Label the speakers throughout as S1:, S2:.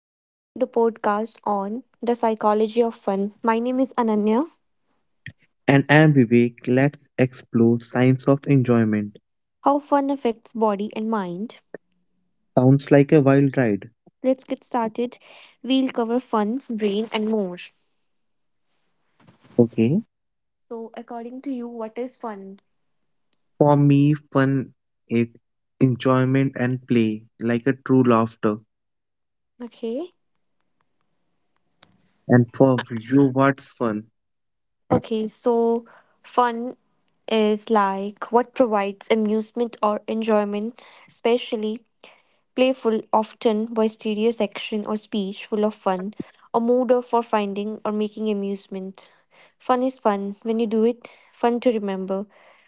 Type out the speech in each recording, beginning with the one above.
S1: Welcome to the podcast on the psychology of fun. My name is Ananya.
S2: And Ambivek, let's explore science of enjoyment.
S1: How fun affects body and mind.
S2: Sounds like a wild ride.
S1: Let's get started. We'll cover fun, brain, and more.
S2: Okay.
S1: So, according to you, what is fun?
S2: For me, fun is enjoyment and play, like a true laughter.
S1: Okay.
S2: And for you, what's fun?
S1: Okay, so fun is like what provides amusement or enjoyment, especially playful, often by serious action or speech, full of fun, a mood or for finding or making amusement. Fun is fun when you do it, fun to remember.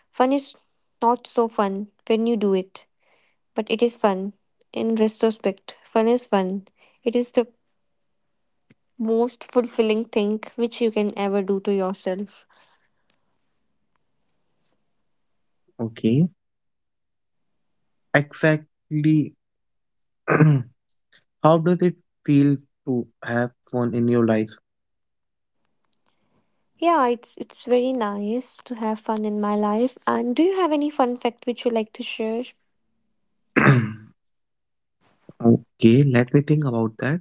S1: Fun is not so fun when you do it, but it is fun in retrospect. Fun is fun. It is the most fulfilling thing which you can ever do to yourself.
S2: Okay. Exactly. How does it feel to have fun in your life?
S1: Yeah, it's very nice to have fun in my life. And do you have any fun fact which you like to share?
S2: okay, let me think about that.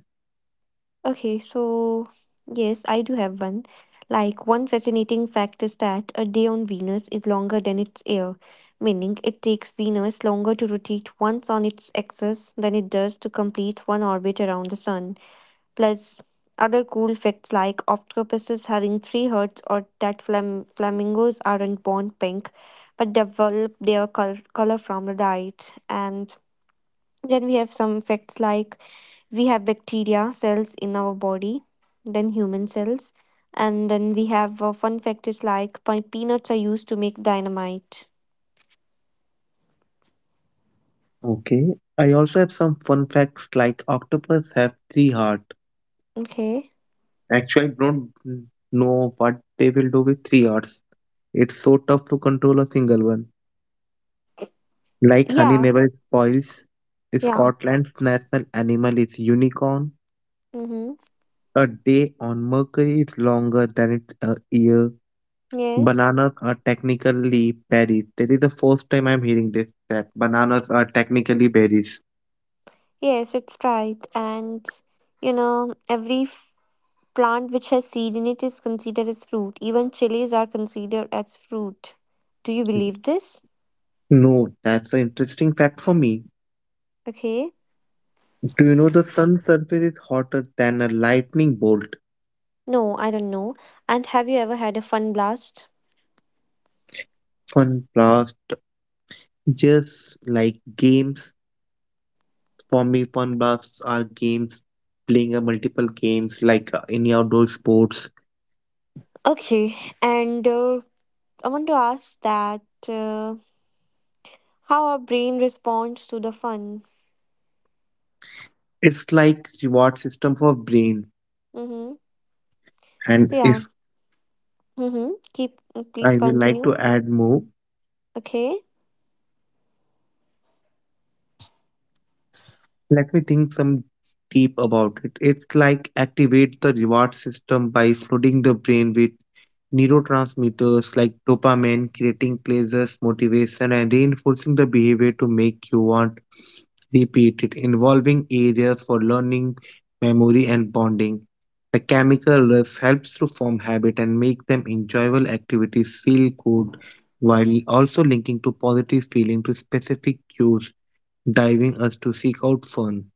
S1: Okay, so yes, I do have one. Like, one fascinating fact is that a day on Venus is longer than its year, meaning it takes Venus longer to rotate once on its axis than it does to complete one orbit around the Sun. Plus, other cool facts like octopuses having three hearts or that flamingos aren't born pink but develop their color from the diet. And then we have some facts like we have bacteria cells in our body, then human cells, and then we have a fun fact is like peanuts are used to make dynamite.
S2: Okay. I also have some fun facts like octopus have three hearts.
S1: Okay.
S2: Actually, I don't know what they will do with 3 hours. It's so tough to control a single one. Like honey
S1: Yeah.
S2: never spoils.
S1: Yeah.
S2: Scotland's national animal is unicorn.
S1: Mm-hmm.
S2: A day on Mercury is longer than it a year.
S1: Yes.
S2: Bananas are technically berries. That is the first time I'm hearing this that bananas are technically berries.
S1: Yes, it's right. And you know, every plant which has seed in it is considered as fruit. Even chilies are considered as fruit. Do you believe this?
S2: No, that's an interesting fact for me.
S1: Okay.
S2: Do you know the sun's surface is hotter than a lightning bolt?
S1: No, I don't know. And have you ever had a fun blast?
S2: Fun blast. Just like games, for me, fun blasts are games, playing a multiple games like any outdoor sports.
S1: Okay, and I want to ask that uh, how our brain responds to the fun.
S2: It's like reward system for brain.
S1: Mm-hmm. So
S2: And
S1: yeah.
S2: if
S1: Mm-hmm. Keep please
S2: I will like
S1: continue.
S2: to add more,
S1: Okay.
S2: let me think some deep about it. It's like activate the reward system by flooding the brain with neurotransmitters like dopamine, creating pleasures, motivation, and reinforcing the behavior to make you want repeat it, involving areas for learning, memory, and bonding. The chemical rush helps to form habit and make them enjoyable activities feel good while also linking to positive feeling to specific cues, driving us to seek out fun.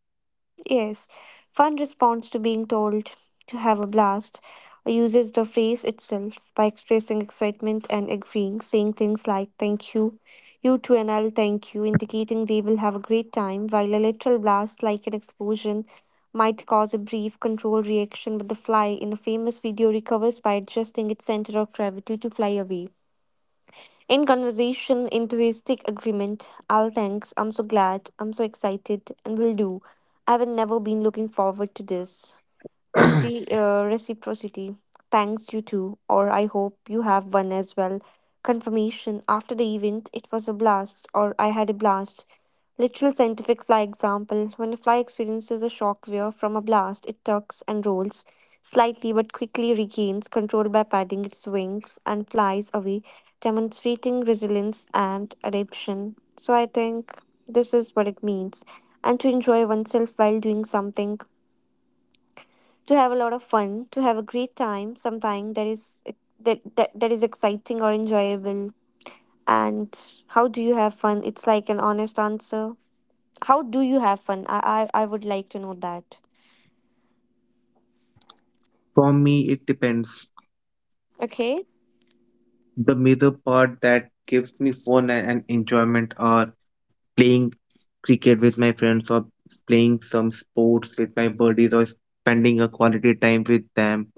S1: Yes, fun responds to being told to have a blast, or uses the phrase itself by expressing excitement and agreeing, saying things like thank you, you too, and I'll thank you, indicating they will have a great time, while a literal blast, like an explosion, might cause a brief controlled reaction, but the fly in a famous video recovers by adjusting its center of gravity to fly away. In conversation, enthusiastic agreement. I'll thanks. I'm so glad. I'm so excited. And will do. I have never been looking forward to this. Reciprocity. Thanks, you too. Or I hope you have one as well. Confirmation. After the event, it was a blast. Or I had a blast. Literal scientific fly example. When a fly experiences a shock wave from a blast, it tucks and rolls slightly but quickly regains control by patting its wings and flies away, demonstrating resilience and adaptation. So I think this is what it means. And to enjoy oneself while doing something to have a lot of fun, to have a great time, something that is that is exciting or enjoyable. And how do you have fun? It's like an honest answer. How do you have fun? I would like to know that.
S2: For me, it depends.
S1: Okay.
S2: The middle part that gives me fun and enjoyment are playing cricket with my friends or playing some sports with my buddies or spending a quality time with them,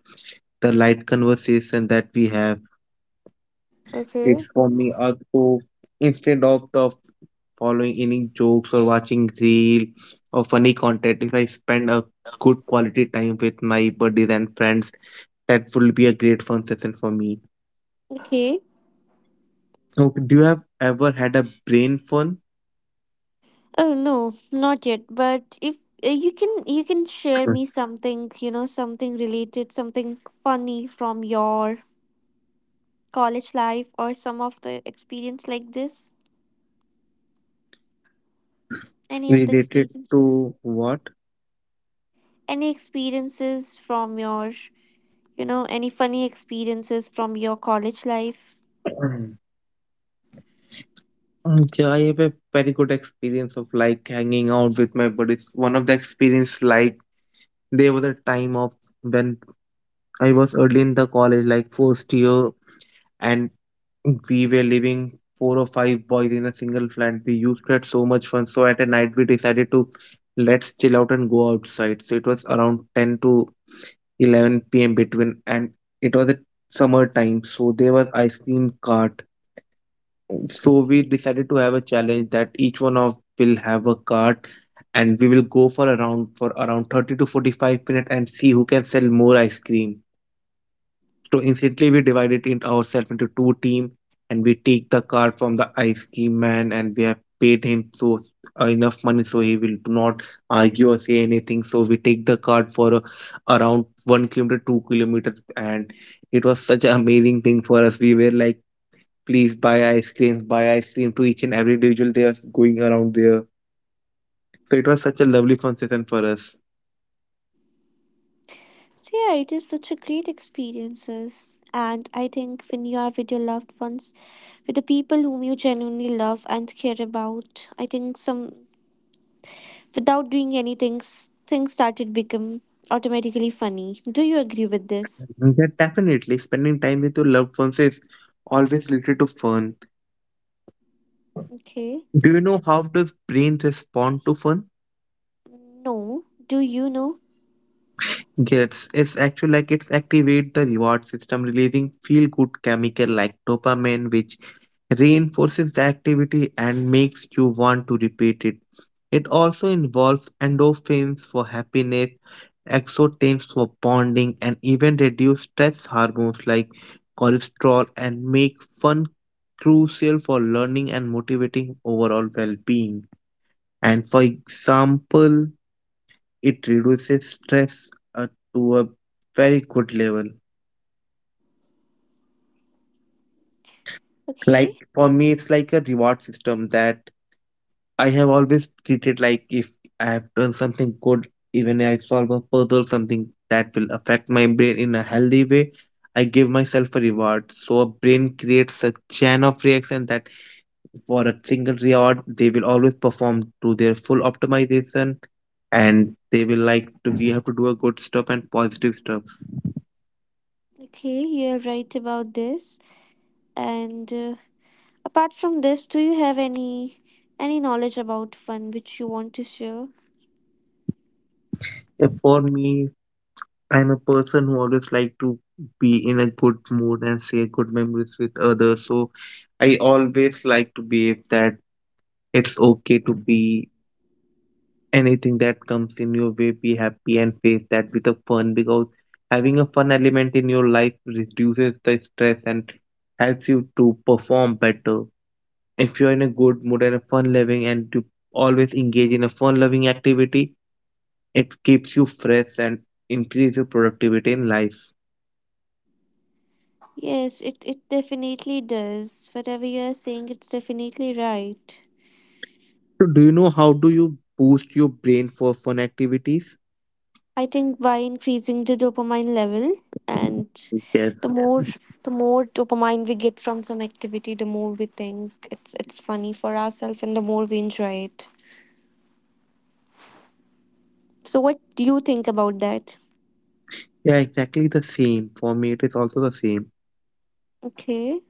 S2: the light conversation that we have.
S1: Okay.
S2: It's for me also instead of the following any jokes or watching reel or funny content. If I spend a good quality time with my buddies and friends, that will be a great fun session for me.
S1: Okay.
S2: Okay, do you have ever had a brain fun
S1: Oh no, not yet. But if you can share me something, you know, something related, something funny from your college life or some of the experience like this. Any of the
S2: related
S1: experiences?
S2: to what?
S1: Any experiences from your, you know, any funny experiences from your college life?
S2: Yeah, I have a very good experience of like hanging out with my buddies. One of the experience like there was a time of when I was early in the college, like first year, and we were living four or five boys in a single flat. We used to have so much fun. So at a night we decided to let's chill out and go outside. So it was around ten to 11 p.m. between, and it was a summer time, so there was ice cream cart. So we decided to have a challenge that each one of will have a cart and we will go for around 30 to 45 minutes and see who can sell more ice cream. So instantly we divided it ourselves into two team, and we take the cart from the ice cream man and we have paid him so enough money so he will not argue or say anything. So we take the cart for around 1 kilometer, 2 kilometers, and it was such an amazing thing for us. We were like please buy ice creams, buy ice cream to each and every individual they are going around there. So it was such a lovely fun session for us.
S1: So yeah, it is such a great experiences. And I think when you are with your loved ones, with the people whom you genuinely love and care about, I think some without doing anything, things started become automatically funny. Do you agree with this?
S2: Yeah, definitely spending time with your loved ones is always related to fun.
S1: Okay.
S2: Do you know how does brain respond to fun?
S1: No. Do you know?
S2: Yes, it's actually like it's activate the reward system, releasing feel good chemical like dopamine, which reinforces the activity and makes you want to repeat it. It also involves endorphins for happiness, exotims for bonding, and even reduce stress hormones like cholesterol and make fun crucial for learning and motivating overall well-being. And for example, it reduces stress to a very good level.
S1: Okay.
S2: Like for me, it's like a reward system that I have always treated like if I have done something good, even I solve a puzzle, something that will affect my brain in a healthy way, I give myself a reward. So a brain creates a chain of reaction that for a single reward, they will always perform to their full optimization and they will like to we have to do a good stuff and positive stuff.
S1: Okay, you're right about this. And apart from this, do you have any knowledge about fun which you want to share?
S2: For me, I'm a person who always like to be in a good mood and share good memories with others. So I always like to believe that it's okay to be anything that comes in your way, be happy and face that with a fun because having a fun element in your life reduces the stress and helps you to perform better. If you're in a good mood and a fun loving and you always engage in a fun loving activity, it keeps you fresh and increase your productivity in life.
S1: Yes, it definitely does. Whatever you are saying, it's definitely right.
S2: So do you know how do you boost your brain for fun activities?
S1: I think by increasing the dopamine level and
S2: Yes.
S1: the more the more dopamine we get from some activity, the more we think it's funny for ourselves and the more we enjoy it. So what do you think about that?
S2: Yeah, exactly the same. For me, it is also the same.
S1: Okay.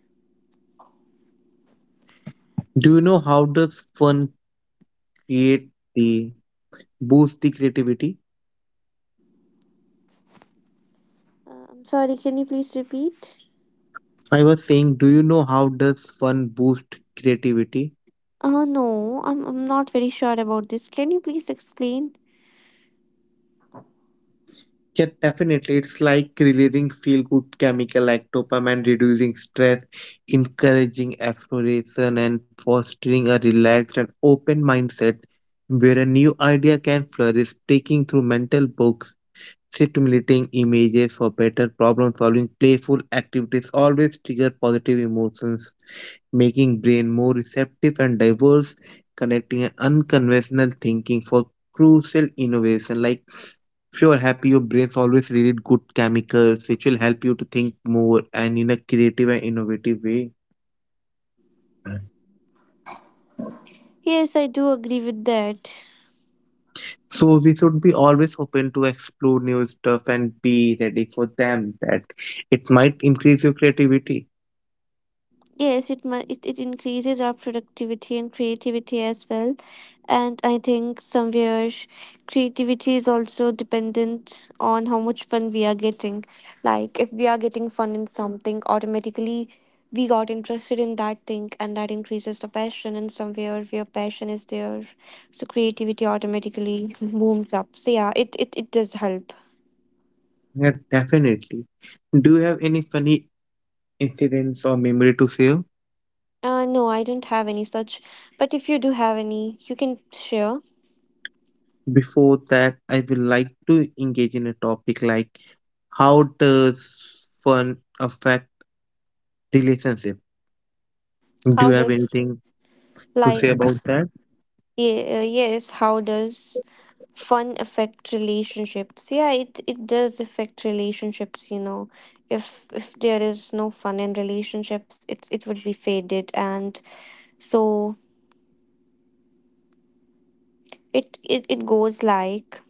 S2: Do you know how does fun create the boost the creativity?
S1: I'm sorry, can you please repeat?
S2: I was saying, do you know how does fun boost creativity?
S1: No, I'm not very sure about this. Can you please explain?
S2: Yeah, definitely. It's like releasing feel good chemical like dopamine, reducing stress, encouraging exploration, and fostering a relaxed and open mindset where a new idea can flourish, taking through mental books, stimulating images for better problem solving, playful activities always trigger positive emotions making brain more receptive and diverse, connecting an unconventional thinking for crucial innovation. Like if you're happy, your brain's always release good chemicals, which will help you to think more and in a creative and innovative way.
S1: Yes, I do agree with that.
S2: So we should be always open to explore new stuff and be ready for them. That it might increase your creativity.
S1: Yes, it, mu- it increases our productivity and creativity as well. And I think somewhere creativity is also dependent on how much fun we are getting. Like if we are getting fun in something, automatically we got interested in that thing and that increases the passion and somewhere where passion is there. So creativity automatically booms up. So yeah, it does help.
S2: Yeah, definitely. Do you have any funny incidents or memory to share?
S1: No, I don't have any such. But if you do have any, you can share.
S2: Before that, I would like to engage in a topic like how does fun affect relationship? Do you
S1: How
S2: have
S1: does
S2: anything to say
S1: like
S2: about that?
S1: Yes, how does fun affect relationships? Yeah, it does affect relationships, you know, if there is no fun in relationships it would be faded, and so it goes like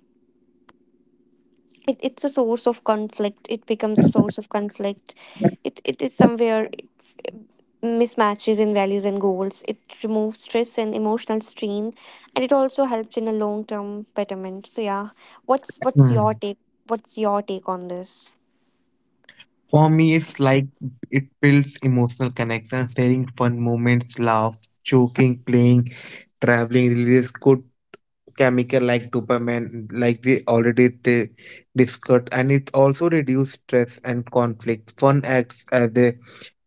S1: it's a source of conflict, it becomes a source of conflict, it is somewhere mismatches in values and goals. It removes stress and emotional strain, and it also helps in a long term betterment. So yeah, what's your
S2: Hmm.
S1: take? What's your take on this?
S2: For me, it's like it builds emotional connection, sharing fun moments, laughs, joking, playing, traveling, releases good chemical like dopamine, like we already discussed, and it also reduces stress and conflict. Fun acts as a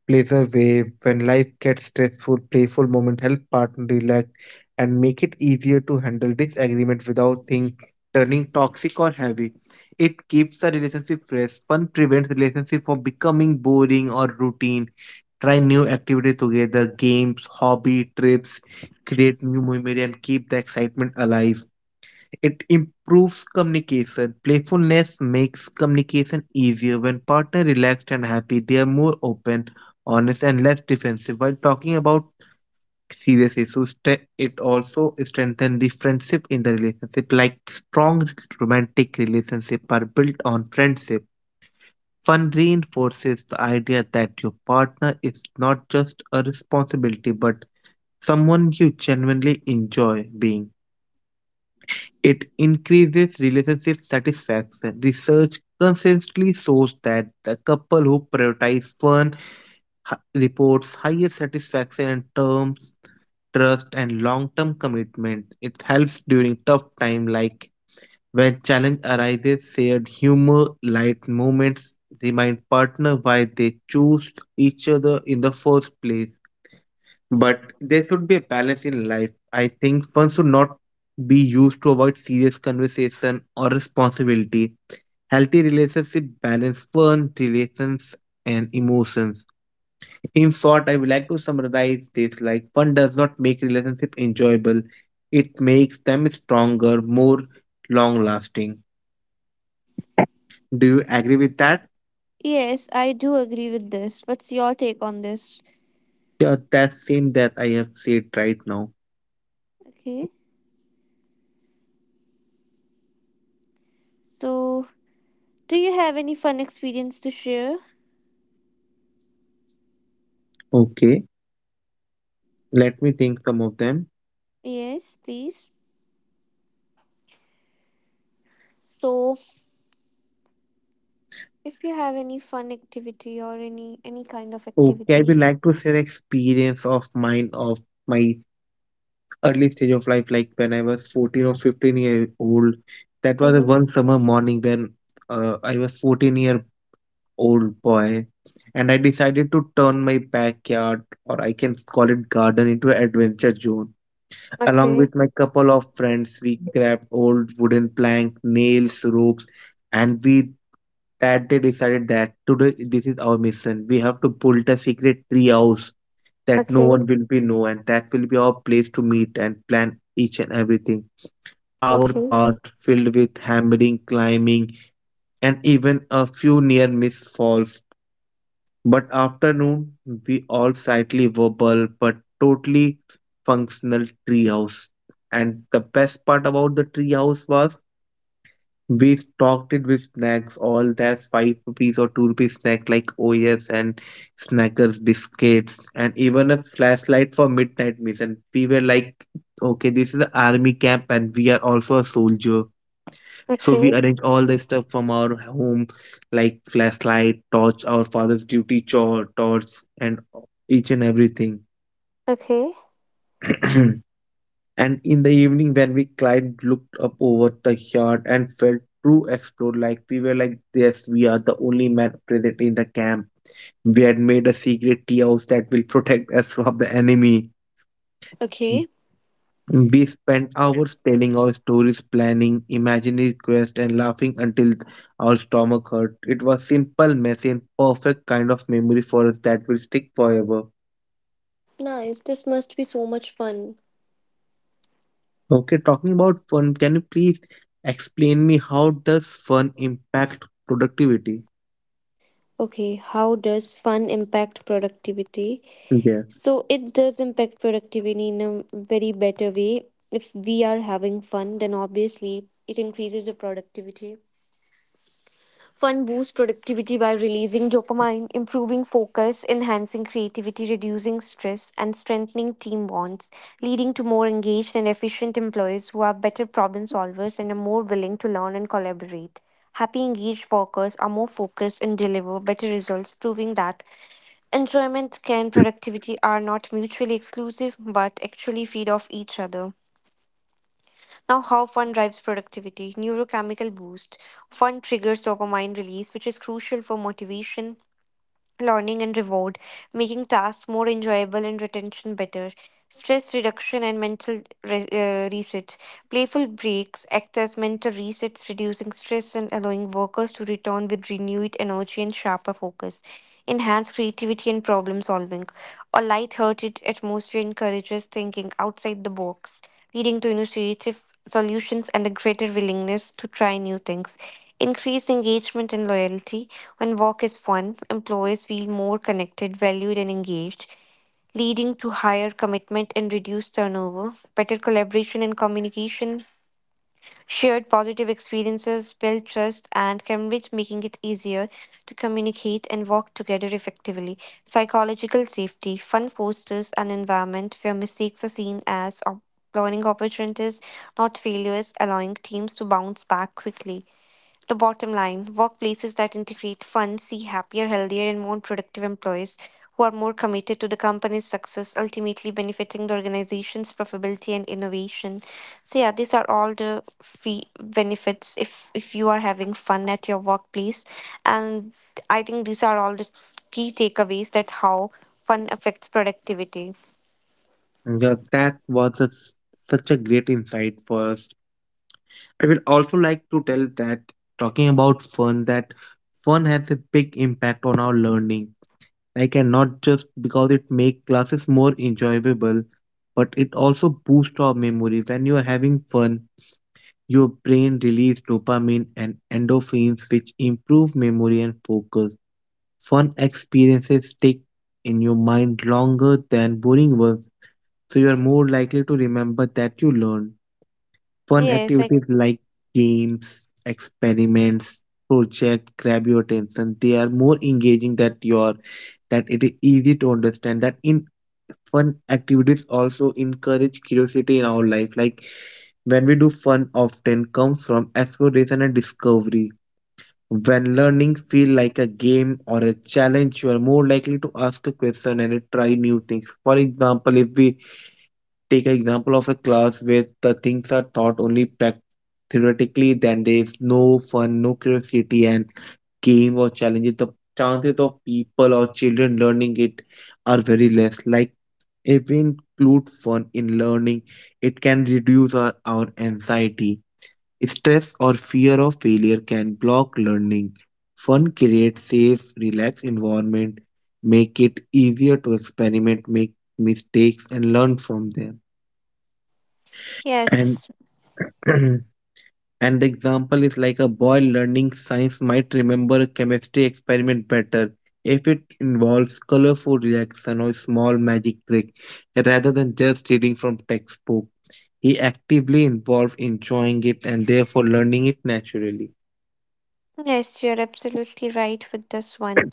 S2: pleasure wave when life gets stressful. Playful moment help partner relax and make it easier to handle disagreement without things turning toxic or heavy. It keeps the relationship fresh. Fun prevents relationship from becoming boring or routine. Try new activity together, games, hobby, trips, create new memory and keep the excitement alive. It improves communication. Playfulness makes communication easier. When partner relaxed and happy, they are more open, honest, and less defensive. While talking about serious issues, it also strengthens the friendship in the relationship. Like strong romantic relationships are built on friendship. Fun reinforces the idea that your partner is not just a responsibility, but someone you genuinely enjoy being. It increases relationship satisfaction. Research consistently shows that the couple who prioritize fun reports higher satisfaction in terms trust and long-term commitment. It helps during tough time like when challenge arises, shared humor, light moments remind partner why they choose each other in the first place. But there should be a balance in life. I think fun should not be used to avoid serious conversation or responsibility. Healthy relationship balance fun, relations, and emotions. In short, I would like to summarize this like fun does not make relationship enjoyable. It makes them stronger, more long lasting. Do you agree with that?
S1: Yes, I do agree with this. What's your take on this?
S2: Yeah, that same that I have said right now.
S1: Okay. So, do you have any fun experience to share?
S2: Okay. Let me think some of them.
S1: Yes, please. So, if you have any fun activity or any kind of
S2: Okay, I would
S1: activity.
S2: like to share experience of mine of my early stage of life, like when I was 14 or 15-year-old. That was a
S1: Mm-hmm.
S2: one summer morning when I was 14-year-old boy, and I decided to turn my backyard, or I can call it garden, into an adventure zone. Along
S1: Okay.
S2: with my couple of friends, we grabbed old wooden plank, nails, ropes, and we that day decided that today this is our mission. We have to build a secret tree house that no
S1: Okay.
S2: one will be know, and that will be our place to meet and plan each and everything. Our
S1: Okay.
S2: past filled with hammering, climbing, and even a few near miss falls, but afternoon, we all slightly verbal but totally functional treehouse. And the best part about the treehouse was we stocked it with snacks, all that 5 rupees or 2 rupees snack like OS and snackers, biscuits, and even a flashlight for midnight mission. We were like, okay, this is an army camp and we are also a soldier. So we
S1: Okay.
S2: arrange all the stuff from our home, like flashlight, torch, our father's duty chore, torch, and each and everything.
S1: Okay.
S2: And in the evening, when we climbed, looked up over the yard and felt true explored. Like we were like, yes, we are the only man present in the camp. We had made a secret tea house that will protect us from the enemy.
S1: Okay.
S2: We spend hours telling our stories, planning imaginary quests, and laughing until our stomach hurt. It was simple, messy, and perfect kind of memory for us that will stick forever.
S1: Nice. This must be so much fun.
S2: Okay, talking about fun, can you please explain me how does fun impact productivity?
S1: Okay, how does fun impact productivity?
S2: Yeah.
S1: So it does impact productivity in a very better way. If we are having fun, then obviously it increases the productivity. Fun boosts productivity by releasing dopamine, improving focus, enhancing creativity, reducing stress, and strengthening team bonds, leading to more engaged and efficient employees who are better problem solvers and are more willing to learn and collaborate. Happy, engaged workers are more focused and deliver better results, proving that enjoyment and productivity are not mutually exclusive but actually feed off each other. Now, how fun drives productivity? Neurochemical boost. Fun triggers dopamine release, which is crucial for motivation, learning and reward, making tasks more enjoyable and retention better, stress reduction and mental reset. Playful breaks act as mental resets, reducing stress and allowing workers to return with renewed energy and sharper focus. Enhance creativity and problem solving. A light-hearted atmosphere encourages thinking outside the box, leading to innovative solutions and a greater willingness to try new things. Increased engagement and loyalty. When work is fun, employees feel more connected, valued, and engaged, leading to higher commitment and reduced turnover, better collaboration and communication. Shared positive experiences build trust and courage, making it easier to communicate and work together effectively. Psychological safety. Fun fosters an environment where mistakes are seen as learning opportunities, not failures, allowing teams to bounce back quickly. The bottom line workplaces that integrate fun see happier, healthier, and more productive employees who are more committed to the company's success, ultimately benefiting the organization's profitability and innovation. So, yeah, these are all the benefits if you are having fun at your workplace. And I think these are all the key takeaways that how fun affects productivity.
S2: Yeah, that was such a great insight for us. I will also like to tell that talking about fun, that fun has a big impact on our learning. I cannot just because it make classes more enjoyable, but it also boosts our memory. When you are having fun, your brain release dopamine and endorphins, which improve memory and focus. Fun experiences stick in your mind longer than boring ones, so you are more likely to remember that you learned. Fun
S1: Yes, I,
S2: activities like games, experiments, project grab your attention. They are more engaging that your that it is easy to understand that in fun activities also encourage curiosity in our life, like when we do fun often comes from exploration and discovery. When learning feel like a game or a challenge, you are more likely to ask a question and try new things. For example, if we take an example of a class where the things are taught only theoretically, then there is no fun, no curiosity, and game or challenges, the chances of people or children learning it are very less. Like if we include fun in learning, it can reduce our anxiety. Stress or fear of failure can block learning. Fun creates safe, relaxed environment, make it easier to experiment, make mistakes and learn from them. And
S1: yes,
S2: and the example is like a boy learning science might remember a chemistry experiment better if it involves colorful reaction or small magic trick rather than just reading from textbook. He actively involved in enjoying it and therefore learning it naturally.
S1: yes, you're absolutely right with this one.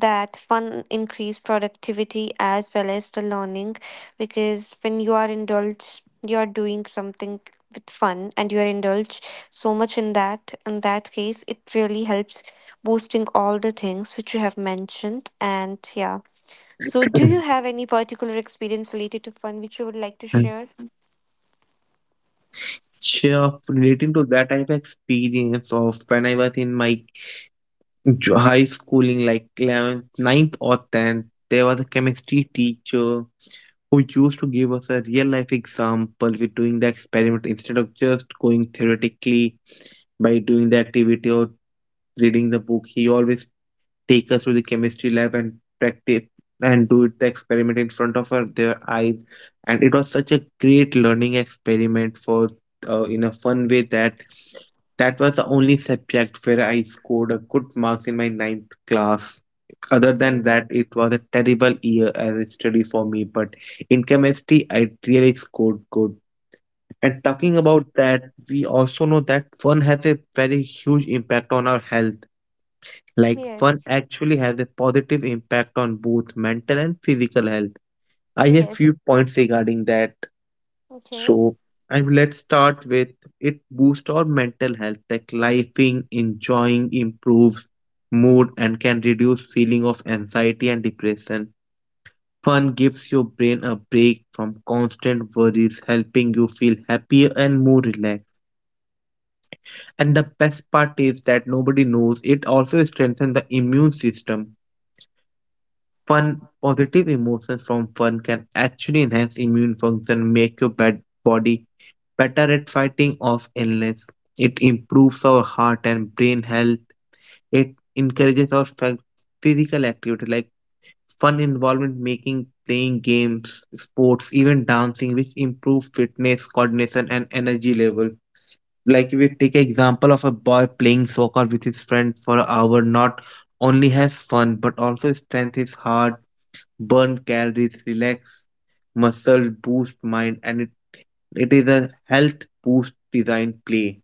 S1: That fun increase productivity as well as the learning, because when you are indulged, you are doing something with fun and you are indulged so much in that, in that case it really helps boosting all the things which you have mentioned. And yeah, so do you have any particular experience related to fun which you would like to share?
S2: Sure, relating to that, I have experience of when I was in my high schooling, like 11th, 9th or 10th, there was a chemistry teacher who used to give us a real life example with doing the experiment instead of just going theoretically by doing the activity or reading the book. He always take us to the chemistry lab and practice and do it the experiment in front of her, their eyes, and it was such a great learning experiment for in a fun way that that was the only subject where I scored a good marks in my ninth class. Other
S1: Okay.
S2: than that, it was a terrible year as a study for me. But in chemistry I really scored good. And talking about that, we also know that fun has a very huge impact on our health. Like fun
S1: yes
S2: actually has a positive impact on both mental and physical health. I have
S1: yes it-
S2: few points regarding that.
S1: okay
S2: So, and let's start with it boosts our mental health, like laughing, enjoying improves mood and can reduce feeling of anxiety and depression. Fun gives your brain a break from constant worries, helping you feel happier and more relaxed. And the best part is that nobody knows it also strengthens the immune system. Fun, positive emotions from fun can actually enhance immune function, make your bad body better at fighting off illness. It improves our heart and brain health. It encourages our physical activity, like fun involvement, making, playing games, sports, even dancing, which improve fitness, coordination, and energy level. Like if we take example of a boy playing soccer with his friend for an hour, not only has fun but also strengthens his heart, burn calories, relax muscle, boost mind, and it is a health boost design play.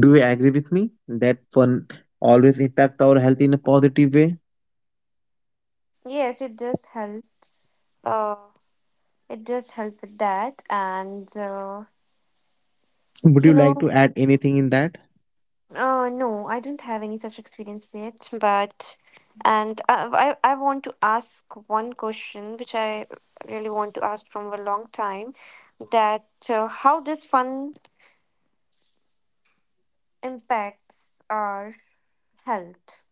S2: Do you agree with me that fun always impact our health in a positive way?
S1: yes it does help. uh it does help with that. And
S2: Would
S1: you
S2: you like
S1: know
S2: to add anything in that?
S1: No, I don't have any such experience yet, but and I want to ask one question which I really want to ask from a long time, that how does fun impacts our health?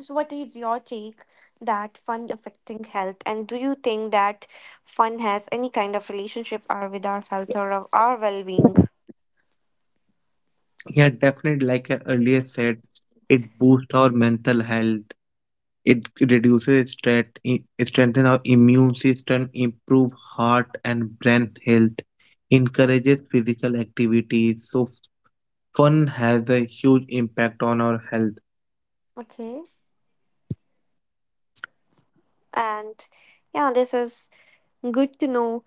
S1: So what is your take that fun affecting health, and do you think that fun has any kind of relationship or with our health or of our well-being?
S2: Yeah, definitely. Like I earlier said, it boosts our mental health. It reduces stress, strengthen our immune system, improve heart and brain health, encourages physical activities. So fun has a huge impact on our health.
S1: Okay. And yeah, this is good to know.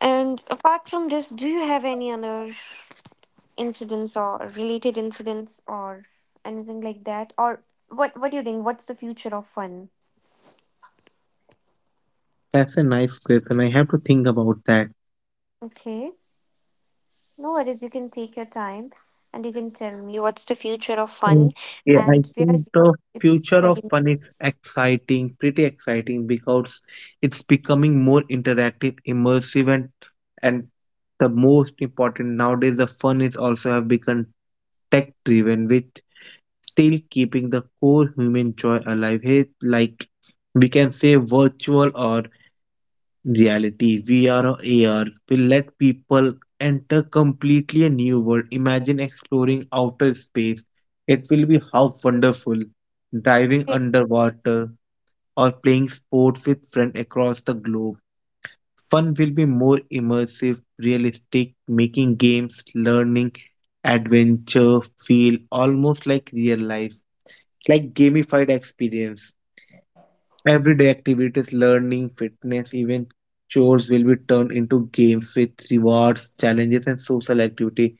S1: And apart from this, do you have any other incidents or related incidents or anything like that? Or what do you think? What's the future of fun?
S2: That's a nice question. I have to think about that.
S1: Okay, no worries. You can take your time and you can tell me what's the future of
S2: Mm,
S1: fun
S2: yeah, I
S1: and where
S2: think the
S1: it's
S2: future of
S1: heading.
S2: fun is exciting, pretty exciting because it's becoming more interactive, immersive, and the most important nowadays, the fun is also have become tech driven with still keeping the core human joy alive, hey, like we can say virtual or reality, VR or AR will let people enter completely a new world. Imagine exploring outer space. It will be how wonderful. Diving underwater or playing sports with friends across the globe. Fun will be more immersive, realistic, making games, learning, adventure feel almost like real life, like gamified experience. Everyday activities, learning, fitness, even chores will be turned into games with rewards, challenges, and social activity.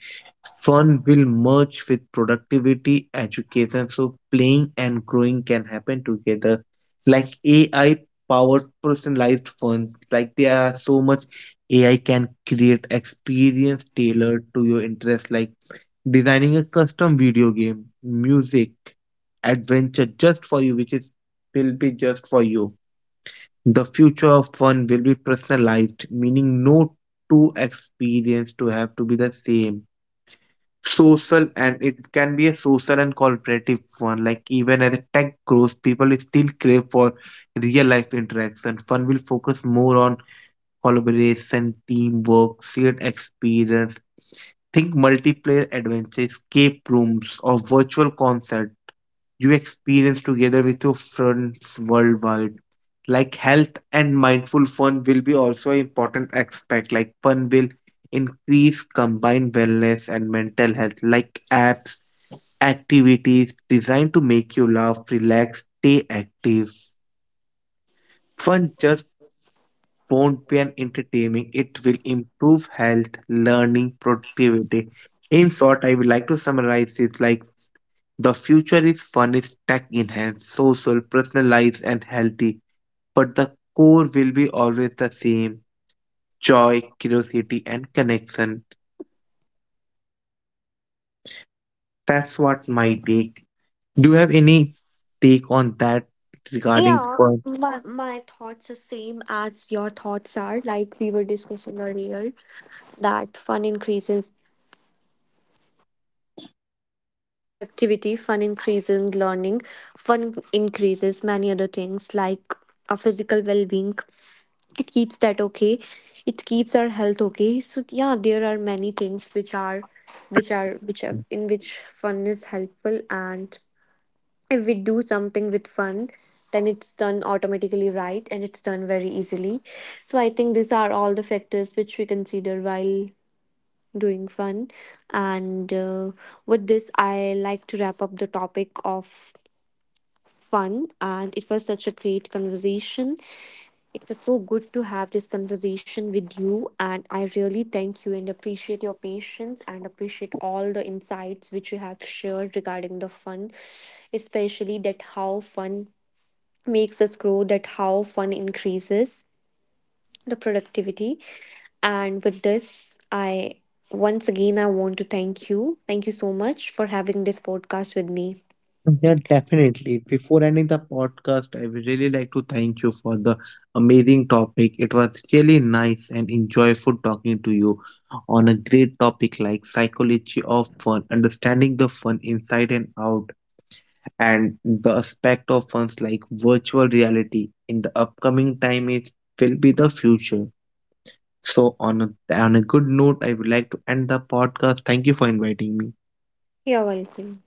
S2: Fun will merge with productivity, education, so playing and growing can happen together. Like AI powered personalized fun, like there are so much AI can create experience tailored to your interests, like designing a custom video game, music, adventure just for you, which is will be just for you. The future of fun will be personalized, meaning no two experience to have to be the same. Social and it can be a social and cooperative fun. Like even as tech grows, people still crave for real life interaction. Fun will focus more on collaboration, teamwork, shared experience. Think multiplayer adventure, escape rooms, or virtual concerts you experience together with your friends worldwide. Like health and mindful fun will be also an important aspect. Like fun will increase combined wellness and mental health. Like apps, activities designed to make you laugh, relax, stay active. Fun just won't be an entertaining. It will improve health, learning, productivity. In short, I would like to summarize it like the future is fun, is tech enhanced, social, personalized, and healthy. But the core will be always the same: joy, curiosity, and connection. That's what my take. Do you have any take on that regarding
S1: Yeah,
S2: fun?
S1: my thoughts are same as your thoughts are. Like we were discussing earlier, that fun increases productivity, fun increases learning, fun increases many other things like our physical well being. It keeps that okay. It keeps our health okay. So yeah, there are many things which are in which fun is helpful, and if we do something with fun, then it's done automatically right, and it's done very easily. So I think these are all the factors which we consider while doing fun. And with this, I like to wrap up the topic of fun. And it was such a great conversation. It was so good to have this conversation with you. And I really thank you and appreciate your patience and appreciate all the insights which you have shared regarding the fun, especially that how fun makes us grow, that how fun increases the productivity. And with this, I once again I want to thank you. Thank you so much for having this podcast with me.
S2: Yeah, definitely. Before ending the podcast, I would really like to thank you for the amazing topic. It was really nice and enjoyable talking to you on a great topic like psychology of fun, understanding the fun inside and out, and the aspect of funs like virtual reality in the upcoming time is will be the future. So on on a good note, I would like to end the podcast. Thank you for inviting me.
S1: You're welcome.